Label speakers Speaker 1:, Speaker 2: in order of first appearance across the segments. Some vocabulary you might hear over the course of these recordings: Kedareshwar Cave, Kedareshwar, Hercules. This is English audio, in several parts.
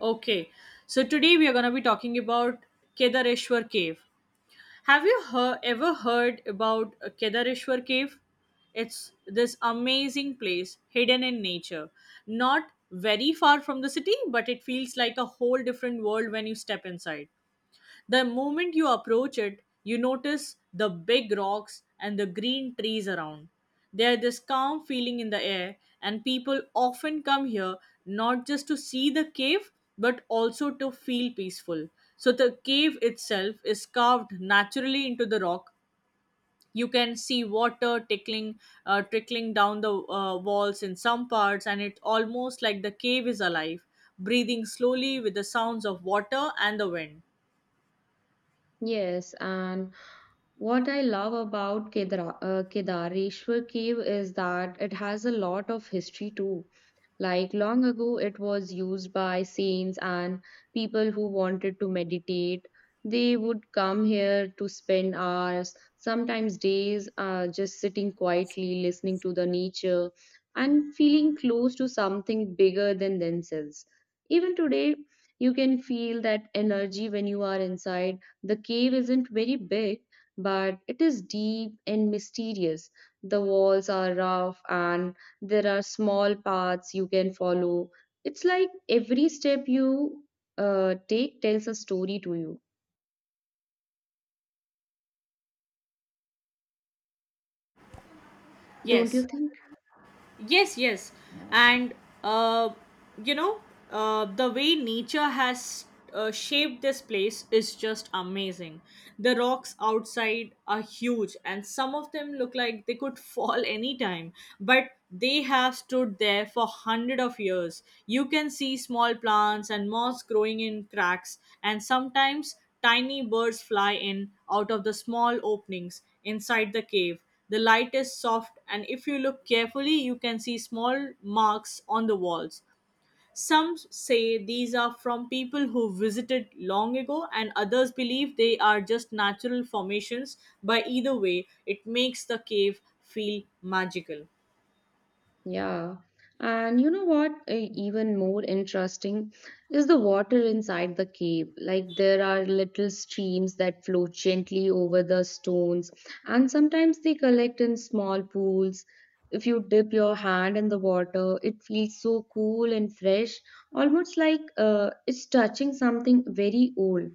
Speaker 1: Okay, so today we are going to be talking about Kedareshwar Cave. Have you ever heard about Kedareshwar Cave? It's this amazing place hidden in nature. Not very far from the city, but it feels like a whole different world when you step inside. The moment you approach it, you notice the big rocks and the green trees around. There's this calm feeling in the air, and people often come here not just to see the cave but also to feel peaceful. So, the cave itself is carved naturally into the rock. You can see water tickling, trickling down the walls in some parts, and it's almost like the cave is alive, breathing slowly with the sounds of water and the wind.
Speaker 2: Yes, and what I love about Kedareshwar cave is that it has a lot of history too. Like long ago, it was used by saints and people who wanted to meditate. They would come here to spend hours, sometimes days, just sitting quietly, listening to the nature, and feeling close to something bigger than themselves. Even today, you can feel that energy when you are inside. The cave isn't very big but it is deep and mysterious. The walls are rough and there are small paths you can follow. It's like every step you take tells a story to you, don't you
Speaker 1: Yes,
Speaker 2: think?
Speaker 1: yes. And, uh, you know, the way nature has shaped this place is just amazing. The rocks outside are huge, and some of them look like they could fall anytime, but they have stood there for hundred of years. You can see small plants and moss growing in cracks, and sometimes tiny birds fly in out of the small openings inside the cave. The light is soft, and if you look carefully, you can see small marks on the walls. Some say these are from people who visited long ago, and others believe they are just natural formations. By either way, it makes the cave feel magical.
Speaker 2: Yeah. And you know what? Even more interesting is the water inside the cave. Like there are little streams that flow gently over the stones, and sometimes they collect in small pools. If you dip your hand in the water, it feels so cool and fresh, almost like it's touching something very old.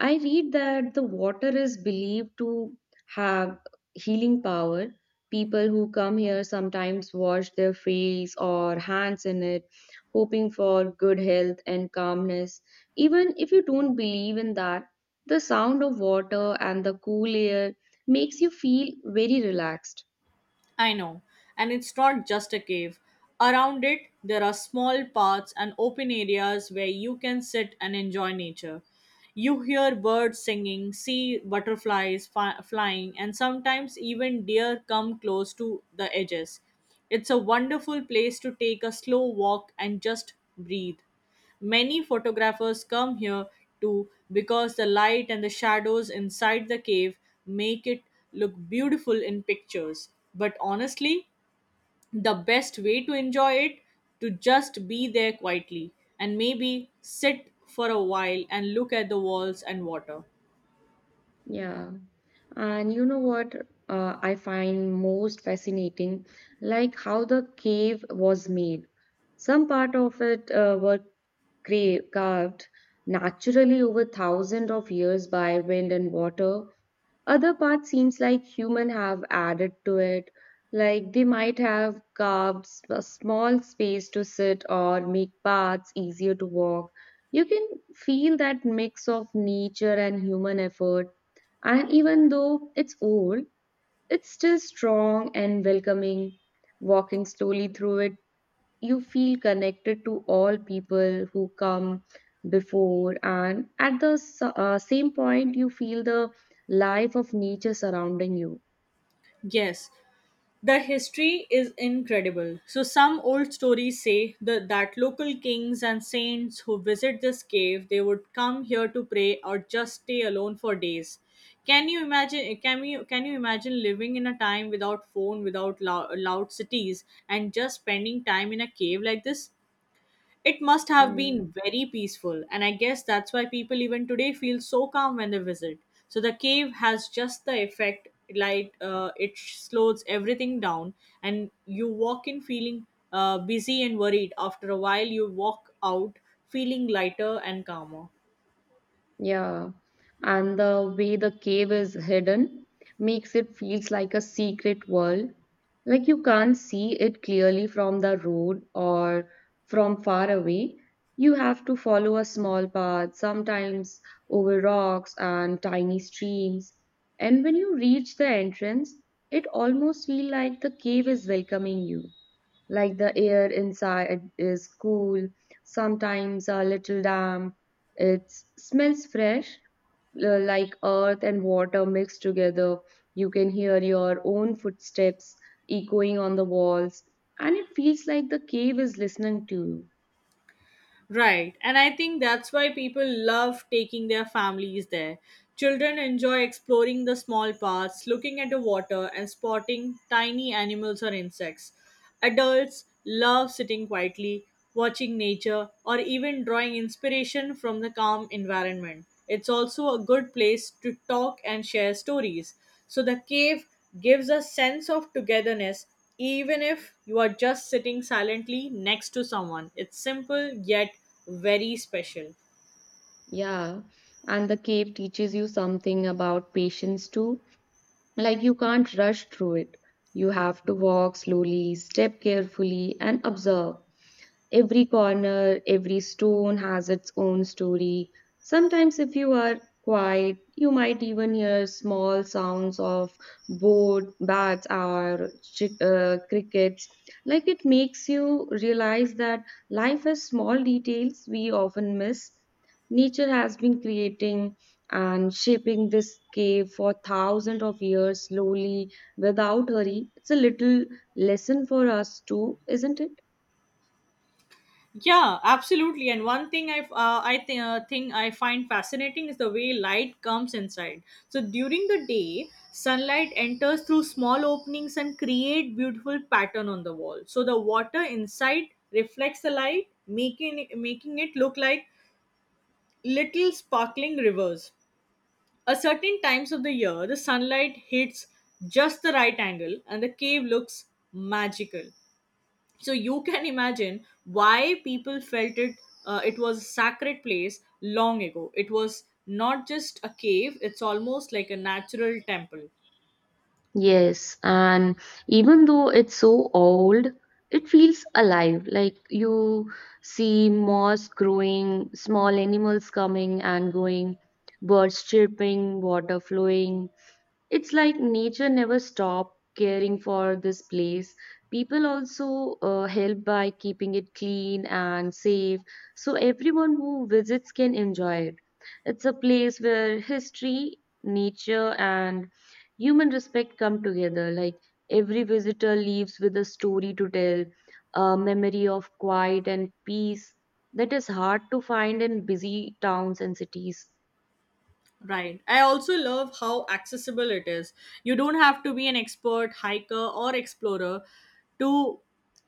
Speaker 2: I read that the water is believed to have healing power. People who come here sometimes wash their face or hands in it, hoping for good health and calmness. Even if you don't believe in that, the sound of water and the cool air makes you feel very relaxed.
Speaker 1: I know. And it's not just a cave. Around it, there are small paths and open areas where you can sit and enjoy nature. You hear birds singing, see butterflies flying, and sometimes even deer come close to the edges. It's a wonderful place to take a slow walk and just breathe. Many photographers come here too because the light and the shadows inside the cave make it look beautiful in pictures. But honestly, the best way to enjoy it to just be there quietly and maybe sit for a while and look at the walls and water.
Speaker 2: Yeah. And you know what, I find most fascinating? Like how the cave was made. Some part of it were carved naturally over thousands of years by wind and water, other part seems like human have added to it, like they might have carved a small space to sit or make paths easier to walk. You can feel that mix of nature and human effort. And even though it's old, it's still strong and welcoming. Walking slowly through it you feel connected to all people who come before and at the same point you feel the life of nature surrounding you.
Speaker 1: Yes, the history is incredible. So, some old stories say that local kings and saints who visit this cave they would come here to pray or just stay alone for days. Can you imagine? Can you imagine living in a time without phone, without loud cities, and just spending time in a cave like this? It must have
Speaker 2: Hmm.
Speaker 1: been very peaceful, and I guess that's why people even today feel so calm when they visit. So the cave has just the effect like it slows everything down, and you walk in feeling busy and worried. After a while, you walk out feeling lighter and calmer.
Speaker 2: Yeah, and the way the cave is hidden makes it feels like a secret world. Like you can't see it clearly from the road or from far away. You have to follow a small path, sometimes over rocks and tiny streams. And when you reach the entrance, it almost feels like the cave is welcoming you, like the air inside is cool, sometimes a little damp. It smells fresh, like earth and water mixed together. You can hear your own footsteps echoing on the walls, and it feels like the cave is listening to you.
Speaker 1: Right. And I think that's why people love taking their families there. Children enjoy exploring the small paths, looking at the water, and spotting tiny animals or insects. Adults love sitting quietly, watching nature, or even drawing inspiration from the calm environment. It's also a good place to talk and share stories. So the cave gives a sense of togetherness even if you are just sitting silently next to someone. It's simple yet very special.
Speaker 2: Yeah, and the cave teaches you something about patience too. Like you can't rush through it. You have to walk slowly, step carefully, and observe. Every corner, every stone has its own story. Sometimes, if you are quiet, you might even hear small sounds of boat, bats, or crickets. Like it makes you realize that life has small details we often miss. Nature has been creating and shaping this cave for thousands of years slowly without hurry. It's a little lesson for us too, isn't it?
Speaker 1: Yeah, absolutely. And one thing I think thing I find fascinating is the way light comes inside. So during the day, sunlight enters through small openings and create beautiful pattern on the wall. So the water inside reflects the light, making it look like little sparkling rivers. A certain times of the year, the sunlight hits just the right angle and the cave looks magical. So you can imagine why people felt it. It was a sacred place long ago. It was not just a cave; it's almost like a natural temple.
Speaker 2: Yes, and even though it's so old, it feels alive. Like you see moss growing, small animals coming and going, birds chirping, water flowing, it's like nature never stopped caring for this place. People also help by keeping it clean and safe, so everyone who visits can enjoy it. It's a place where history, nature, and human respect come together, like every visitor leaves with a story to tell, a memory of quiet and peace that is hard to find in busy towns and cities.
Speaker 1: Right. I also love how accessible it is. You don't have to be an expert hiker or explorer to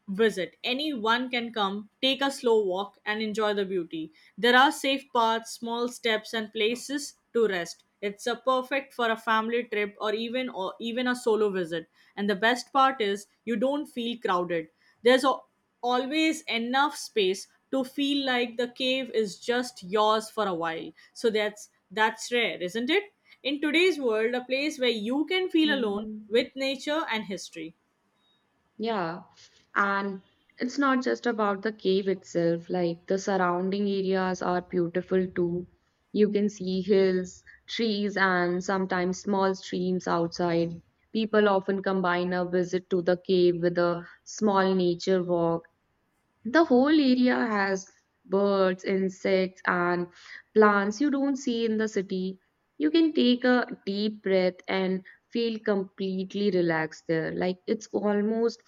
Speaker 1: visit. Anyone can come, take a slow walk, and enjoy the beauty. There are safe paths, small steps, and places to rest. It's a perfect for a family trip or even a solo visit. And the best part is you don't feel crowded. There's a, Always enough space to feel like the cave is just yours for a while. So that's rare, isn't it? In today's world, a place where you can feel
Speaker 2: Yeah.
Speaker 1: alone with nature and history.
Speaker 2: Yeah, and it's not just about the cave itself, like the surrounding areas are beautiful too. You can see hills, trees, and sometimes small streams outside. People often combine a visit to the cave with a small nature walk. The whole area has birds, insects, and plants you don't see in the city. You can take a deep breath and feel completely relaxed there. Like it's almost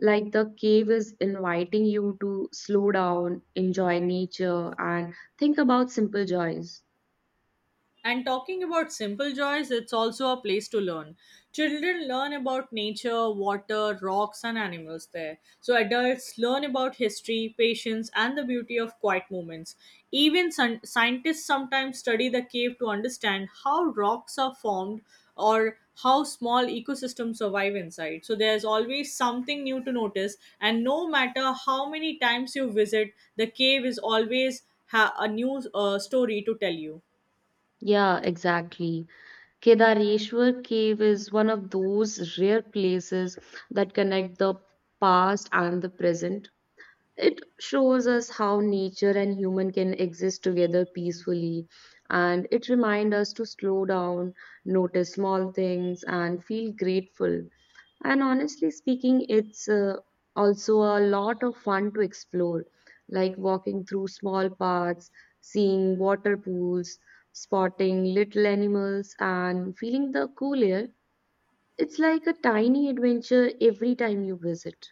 Speaker 2: like the cave is inviting you to slow down, enjoy nature, and think about simple joys.
Speaker 1: And talking about simple joys, it's also a place to learn. Children learn about nature, water, rocks, and animals there. So adults learn about history, patience, and the beauty of quiet moments. Even scientists sometimes study the cave to understand how rocks are formed or how small ecosystems survive inside. So there's always something new to notice, and no matter how many times you visit, the cave is always a new story to tell you.
Speaker 2: Yeah, exactly. Kedareshwar Cave is one of those rare places that connect the past and the present. It shows us how nature and human can exist together peacefully, and it reminds us to slow down, notice small things, and feel grateful. And honestly speaking, it's also a lot of fun to explore, like walking through small paths, seeing water pools, spotting little animals, and feeling the cool air. It's like a tiny adventure every time you visit.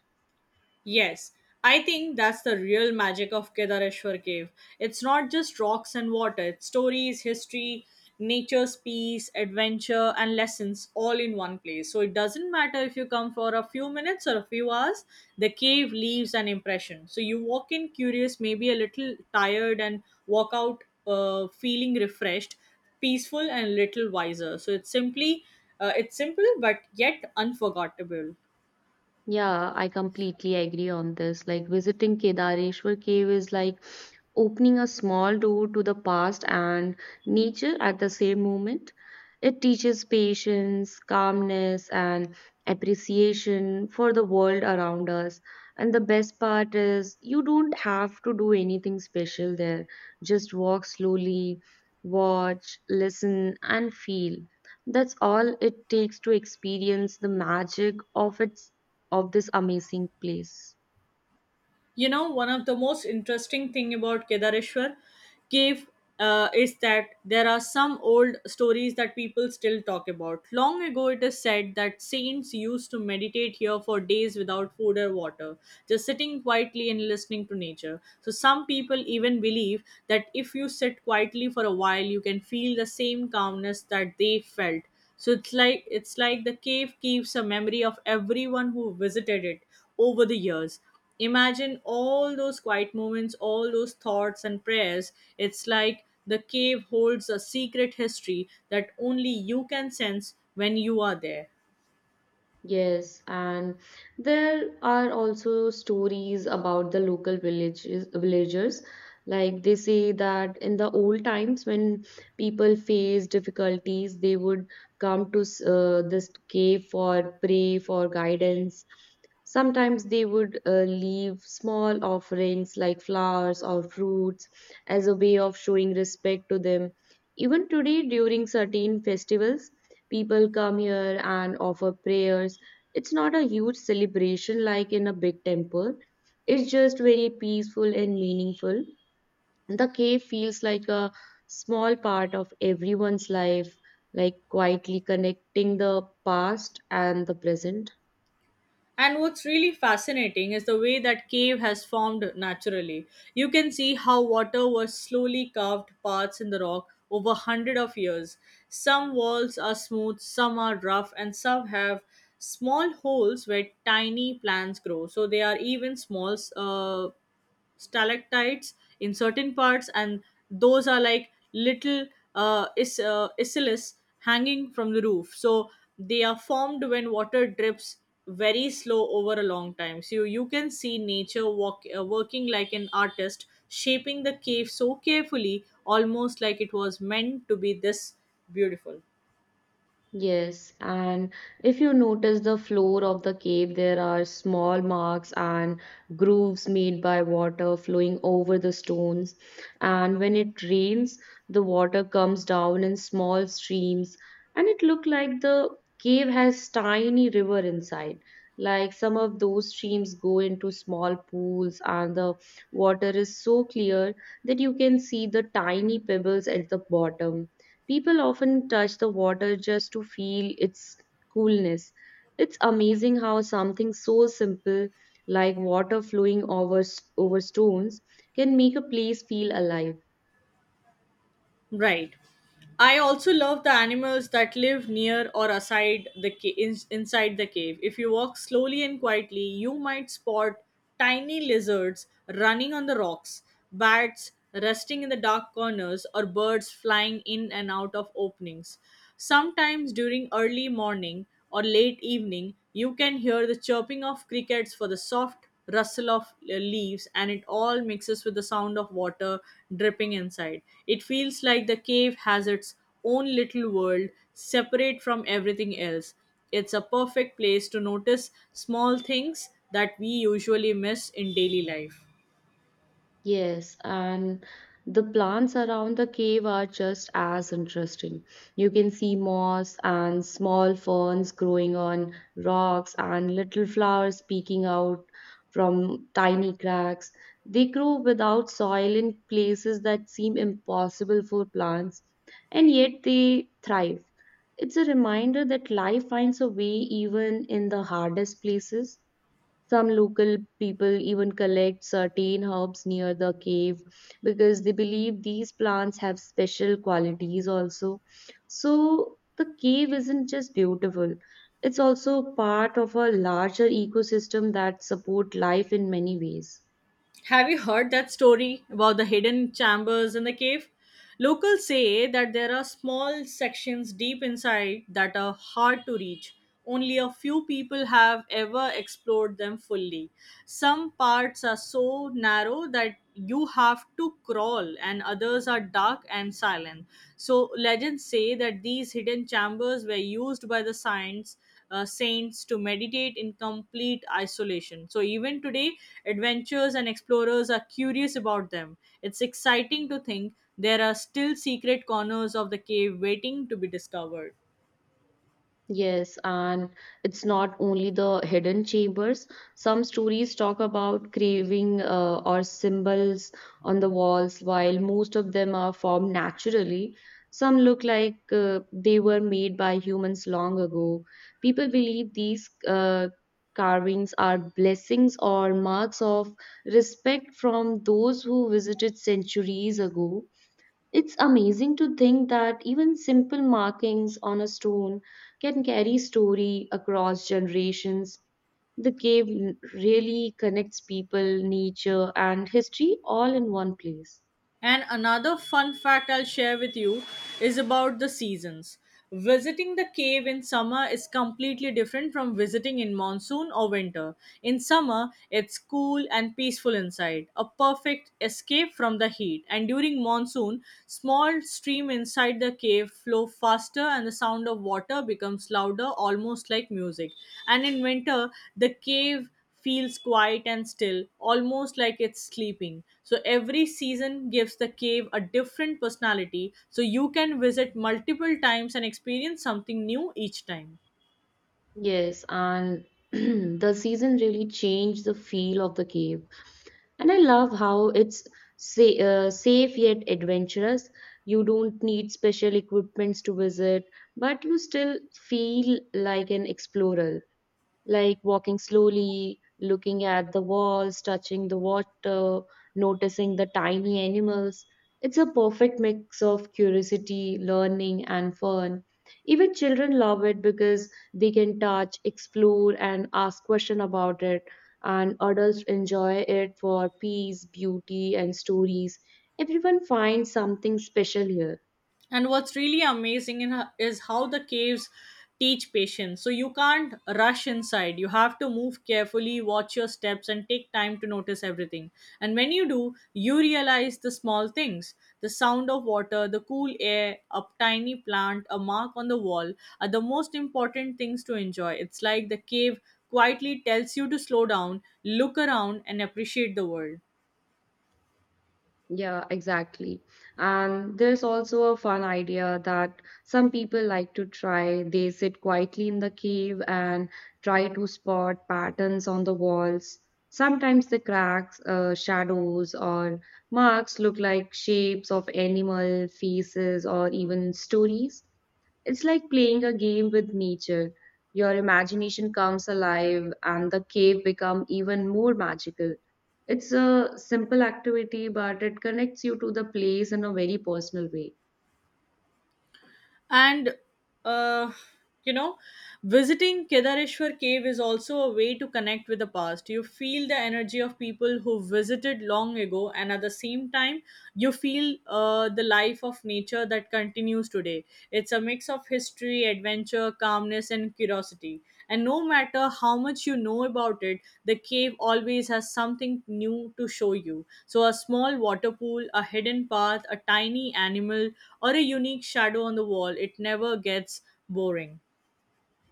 Speaker 1: Yes, I think that's the real magic of Kedareshwar Cave. It's not just rocks and water, it's stories, history, nature's peace, adventure, and lessons all in one place. So it doesn't matter if you come for a few minutes or a few hours, the cave leaves an impression. So you walk in curious, maybe a little tired, and walk out feeling refreshed, peaceful, and a little wiser. So it's simple but yet unforgettable.
Speaker 2: Yeah, I completely agree on this. Like visiting Kedareshwar cave is like opening a small door to the past and nature at the same moment. It teaches patience, calmness, and appreciation for the world around us. And the best part is you don't have to do anything special there. Just walk slowly, watch, listen, and feel. That's all it takes to experience the magic of it of this amazing place.
Speaker 1: You know, one of the most interesting thing about Kedareshwar cave is that there are some old stories that people still talk about. Long ago it is said that saints used to meditate here for days without food or water, just sitting quietly and listening to nature. So some people even believe that if you sit quietly for a while you can feel the same calmness that they felt. So it's like the cave keeps a memory of everyone who visited it over the years. Imagine all those quiet moments, all those thoughts and prayers. It's like the cave holds a secret history that only you can sense when you are there.
Speaker 2: Yes, and there are also stories about the local villages, villagers. Like they say that in the old times, when people faced difficulties, they would come to this cave for pray for guidance. Sometimes they would leave small offerings like flowers or fruits as a way of showing respect to them. Even today, during certain festivals, people come here and offer prayers. It's not a huge celebration like in a big temple, it's just very peaceful and meaningful. The cave feels like a small part of everyone's life, like quietly connecting the past and the present.
Speaker 1: And what's really fascinating is the way that cave has formed naturally. You can see how water was slowly carved paths in the rock over hundred of years. Some walls are smooth, some are rough, and some have small holes where tiny plants grow. So they are even small stalactites in certain parts, and those are like little isillus hanging from the roof. So they are formed when water drips very slow over a long time. So you can see nature working like an artist, shaping the cave so carefully, almost like it was meant to be this beautiful.
Speaker 2: Yes, and if you notice the floor of the cave, there are small marks and grooves made by water flowing over the stones. And when it rains, the water comes down in small streams, and it looked like the cave has tiny river inside. Like some of those streams go into small pools, and the water is so clear that you can see the tiny pebbles at the bottom. People often touch the water just to feel its coolness. It's amazing how something so simple like water flowing over stones can make a place feel alive.
Speaker 1: Right. I also love the animals that live near or aside the inside the cave. If you walk slowly and quietly, you might spot tiny lizards running on the rocks, bats resting in the dark corners, or birds flying in and out of openings. Sometimes during early morning, or late evening, you can hear the chirping of crickets for the soft rustle of leaves, and it all mixes with the sound of water dripping inside. It feels like the cave has its own little world separate from everything else. It's a perfect place to notice small things that we usually miss in daily life.
Speaker 2: Yes, and the plants around the cave are just as interesting. You can see moss and small ferns growing on rocks and little flowers peeking out from tiny cracks. They grow without soil in places that seem impossible for plants, and yet they thrive. It's a reminder that life finds a way even in the hardest places. Some local people even collect certain herbs near the cave because they believe these plants have special qualities also. So the cave isn't just beautiful, it's also part of a larger ecosystem that support life in many ways.
Speaker 1: Have you heard that story about the hidden chambers in the cave? Locals say that there are small sections deep inside that are hard to reach. Only a few people have ever explored them fully. Some parts are so narrow that you have to crawl, and others are dark and silent. So, legends say that these hidden chambers were used by the science saints to meditate in complete isolation. So, even today, adventurers and explorers are curious about them. It's exciting to think there are still secret corners of the cave waiting to be discovered.
Speaker 2: Yes, and it's not only the hidden chambers. Some stories talk about craving or symbols on the walls, while most of them are formed naturally. Some look like they were made by humans long ago. People believe these carvings are blessings or marks of respect from those who visited centuries ago. It's amazing to think that even simple markings on a stone can carry story across generations. The cave really connects people, nature, and history all in one place.
Speaker 1: And another fun fact I'll share with you is about the seasons. Visiting the cave in summer is completely different from visiting in monsoon or winter. In summer, it's cool and peaceful inside, a perfect escape from the heat. And during monsoon, small stream inside the cave flow faster and the sound of water becomes louder almost like music. And in winter, the cave feels quiet and still, almost like it's sleeping. So every season gives the cave a different personality, so you can visit multiple times and experience something new each time.
Speaker 2: Yes, and the season really changed the feel of the cave. And I love how it's safe yet adventurous. You don't need special equipments to visit, but you still feel like an explorer, like walking slowly, looking at the walls, touching the water, noticing the tiny animals. It's a perfect mix of curiosity, learning, and fun. Even children love it because they can touch, explore, and ask questions about it. And adults enjoy it for peace, beauty, and stories. Everyone finds something special here.
Speaker 1: And what's really amazing in her is how the caves teach patience. So you can't rush inside. You have to move carefully, watch your steps, and take time to notice everything. And when you do, you realize the small things, the sound of water, the cool air, a tiny plant, a mark on the wall are the most important things to enjoy. It's like the cave quietly tells you to slow down, look around, and appreciate the world.
Speaker 2: Yeah, exactly. And there's also a fun idea that some people like to try. They sit quietly in the cave and try to spot patterns on the walls. Sometimes the cracks, shadows, or marks look like shapes of animal faces or even stories. It's like playing a game with nature. Your imagination comes alive and the cave become even more magical. It's a simple activity, but it connects you to the place in a very personal way.
Speaker 1: And uh, you know visiting kedareshwar Cave is also a way to connect with the past. You feel the energy of people who visited long ago, and at the same time you feel the life of nature that continues today. It's a mix of history, mystery, adventure, calmness, and curiosity. And no matter how much you know about it, the cave always has something new to show you. So, a small water pool, a hidden path, a tiny animal, or a unique shadow on the wall, it never gets boring.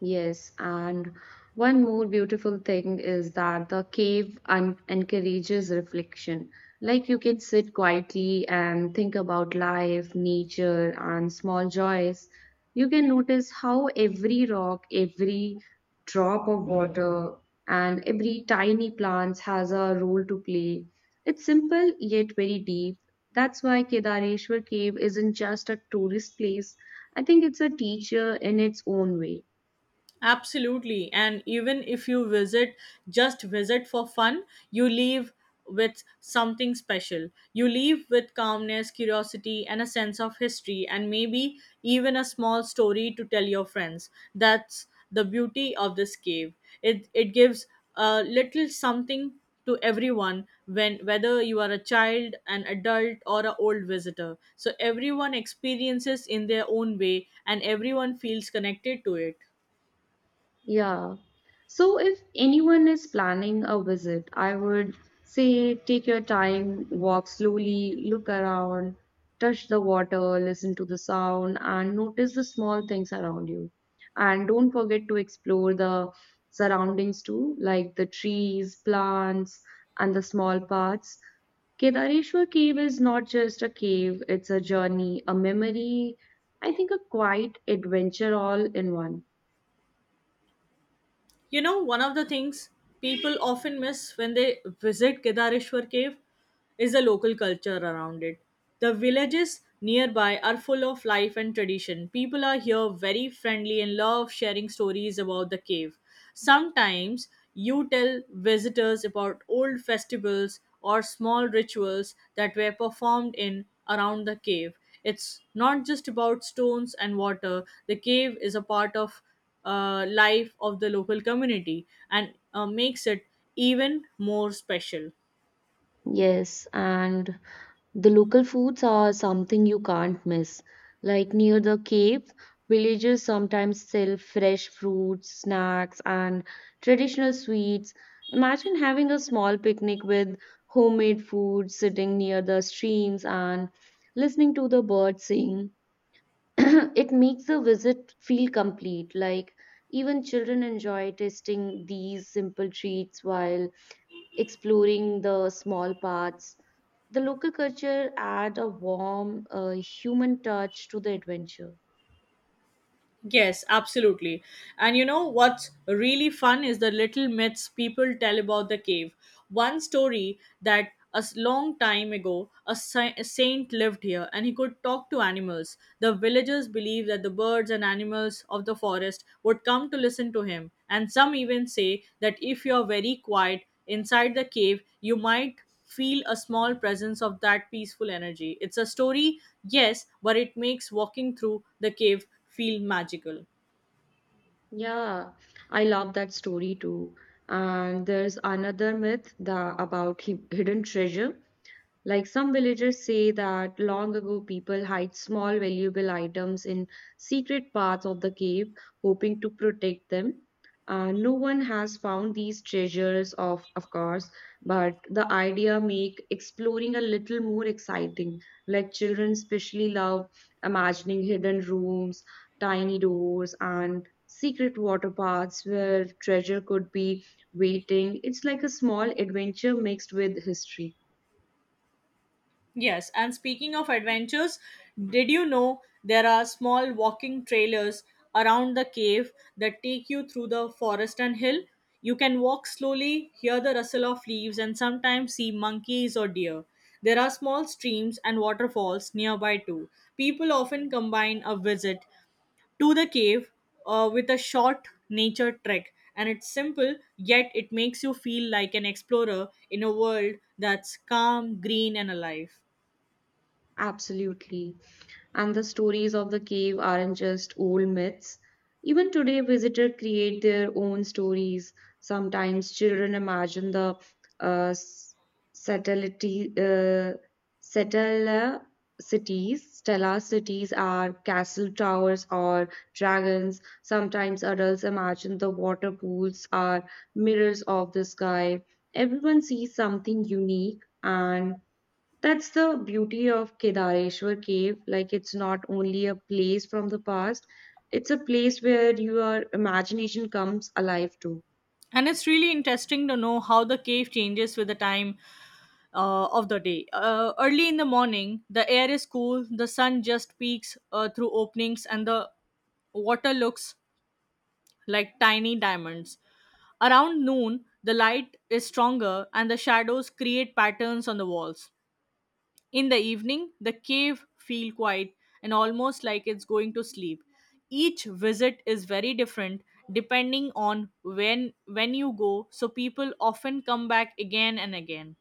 Speaker 2: Yes, and one more beautiful thing is that the cave encourages reflection. Like you can sit quietly and think about life, nature, and small joys. You can notice how every rock, every drop of water, and every tiny plant has a role to play. It's simple yet very deep. That's why Kedareshwar Cave isn't just a tourist place. I think it's a teacher in its own way.
Speaker 1: Absolutely. And even if you visit, just visit for fun, you leave with something special. You leave with calmness, curiosity, and a sense of history, and maybe even a small story to tell your friends. That's the beauty of this cave. It gives a little something to everyone, when whether you are a child, an adult, or an old visitor, so everyone experiences in their own way and everyone feels connected to it.
Speaker 2: Yeah. So if anyone is planning a visit, I would say take your time, walk slowly, look around, touch the water, listen to the sound, and notice the small things around you. And don't forget to explore the surroundings too, like the trees, plants, and the small paths. Kedareshwar Cave is not just a cave, it's a journey, a memory, I think a quiet adventure all in one.
Speaker 1: You know, one of the things people often miss when they visit Kedareshwar Cave is the local culture around it. The villages nearby are full of life and tradition. People are here very friendly and love sharing stories about the cave. Sometimes you tell visitors about old festivals or small rituals that were performed in around the cave. It's not just about stones and water. The cave is a part of life of the local community, and makes it even more special.
Speaker 2: Yes, and the local foods are something you can't miss. Like near the Cape, villagers sometimes sell fresh fruits, snacks, and traditional sweets. Imagine having a small picnic with homemade food, sitting near the streams, and listening to the birds sing. It makes the visit feel complete. Like even children enjoy tasting these simple treats while exploring the small parts. The local culture add a warm human touch to the adventure.
Speaker 1: Yes, absolutely. And you know what's really fun is the little myths people tell about the cave. One story that long time ago, a saint lived here and he could talk to animals. The villagers believed that the birds and animals of the forest would come to listen to him. And some even say that if you're very quiet inside the cave, you might feel a small presence of that peaceful energy. It's a story, yes, but it makes walking through the cave feel magical.
Speaker 2: Yeah, I love that story too. And there's another myth that about hidden treasure. Like some villagers say that long ago people hide small valuable items in secret parts of the cave, hoping to protect them. No one has found these treasures of course, but the idea make exploring a little more exciting. Like children especially love imagining hidden rooms, tiny doors, and secret water paths where treasure could be waiting. It's like a small adventure mixed with history.
Speaker 1: Yes, and speaking of adventures, did you know there are small walking trailers around the cave that take you through the forest and hill? You can walk slowly, hear the rustle of leaves, and sometimes see monkeys or deer. There are small streams and waterfalls nearby too. People often combine a visit to the cave with a short nature trek. And it's simple, yet it makes you feel like an explorer in a world that's calm, green, and alive.
Speaker 2: Absolutely. And the stories of the cave aren't just old myths. Even today, visitors create their own stories. Sometimes children imagine the uh, s- satellite, uh, satellite cities, stellar cities are castle towers or dragons. Sometimes adults imagine the water pools are mirrors of the sky. Everyone sees something unique and that's the beauty of Kedareshwar Cave. Like, it's not only a place from the past, it's a place where your imagination comes alive too.
Speaker 1: And it's really interesting to know how the cave changes with the time of the day. Early in the morning, the air is cool, the sun just peeks through openings, and the water looks like tiny diamonds. Around noon, the light is stronger and the shadows create patterns on the walls. In the evening, the cave feel quiet and almost like it's going to sleep. Each visit is very different, depending on when you go, so people often come back again and again.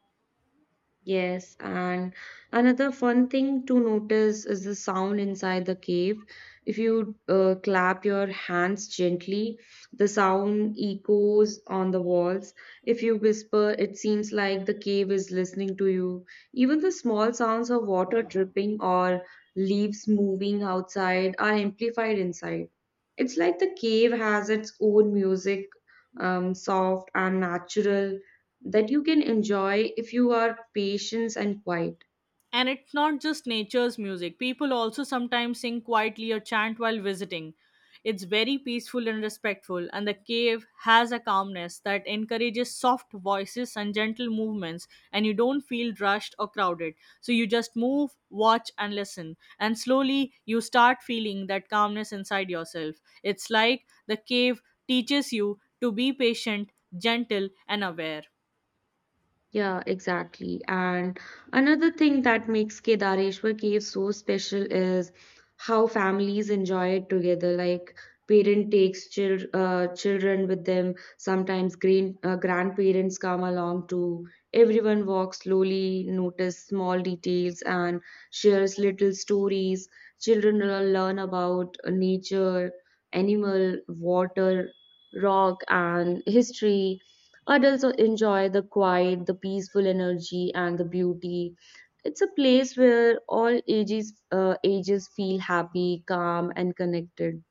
Speaker 2: Yes, and another fun thing to notice is the sound inside the cave. If you clap your hands gently, the sound echoes on the walls. If you whisper, it seems like the cave is listening to you. Even the small sounds of water dripping or leaves moving outside are amplified inside. It's like the cave has its own music, soft and natural that you can enjoy if you are patient and quiet.
Speaker 1: And it's not just nature's music. People also sometimes sing quietly or chant while visiting. It's very peaceful and respectful, and the cave has a calmness that encourages soft voices and gentle movements, and you don't feel rushed or crowded. So you just move, watch, and listen. And slowly you start feeling that calmness inside yourself. It's like the cave teaches you to be patient, gentle, and aware.
Speaker 2: Yeah, exactly. And another thing that makes Kedareshwar Cave so special is how families enjoy it together. Like parent takes children with them. Sometimes grandparents come along too. Everyone walks slowly, notice small details, and shares little stories. Children will learn about nature, animal, water, rock, and history. Adults enjoy the quiet, the peaceful energy, and the beauty. It's a place where all ages feel happy, calm, and connected.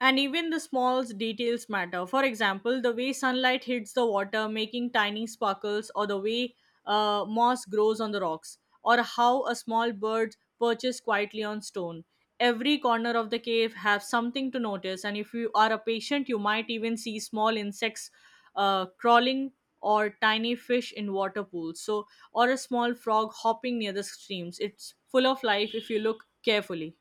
Speaker 1: And even the small details matter. For example, the way sunlight hits the water, making tiny sparkles, or the way moss grows on the rocks, or how a small bird perches quietly on stone. Every corner of the cave has something to notice, and if you are a patient, you might even see small insects crawling, or tiny fish in water pools. So, or a small frog hopping near the streams. It's full of life if you look carefully.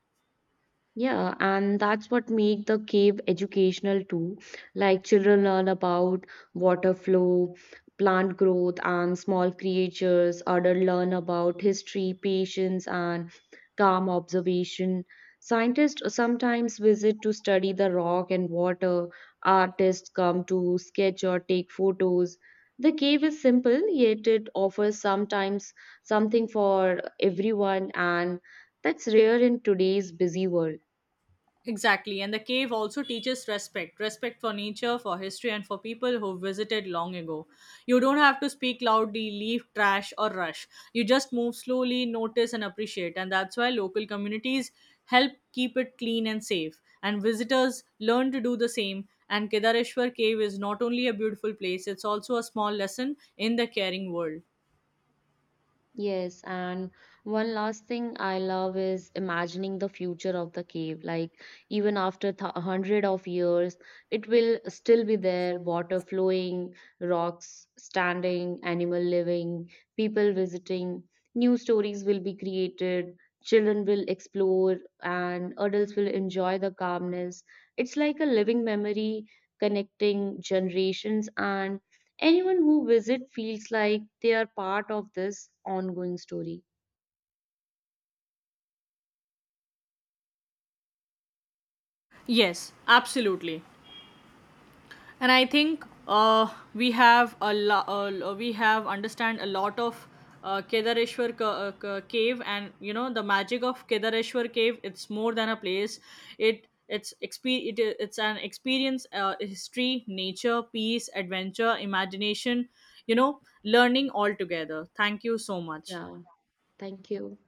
Speaker 2: Yeah, and that's what make the cave educational too. Like children learn about water flow, plant growth, and small creatures. Adults learn about history, patience, and calm observation. Scientists sometimes visit to study the rock and water. Artists come to sketch or take photos. The cave is simple, yet it offers sometimes something for everyone, and that's rare in today's busy world.
Speaker 1: Exactly, and the cave also teaches respect for nature, for history, and for people who visited long ago. You don't have to speak loudly, leave trash, or rush. You just move slowly, notice, and appreciate. And that's why local communities help keep it clean and safe. And visitors learn to do the same. And Kedareshwar Cave is not only a beautiful place, it's also a small lesson in the caring world.
Speaker 2: Yes, and one last thing I love is imagining the future of the cave. Like even after a hundred of years, it will still be there, water flowing, rocks standing, animal living, people visiting, new stories will be created, children will explore, and adults will enjoy the calmness. It's like a living memory connecting generations and anyone who visits feels like they are part of this ongoing story.
Speaker 1: Yes, absolutely. And I think we have understand a lot of cave. And you know, the magic of Kedareshwar Cave, it's more than a place. It it's expe- it, i- it's an experience. History, nature, peace, adventure, imagination, learning all together. Thank you so much.
Speaker 2: Yeah, thank you.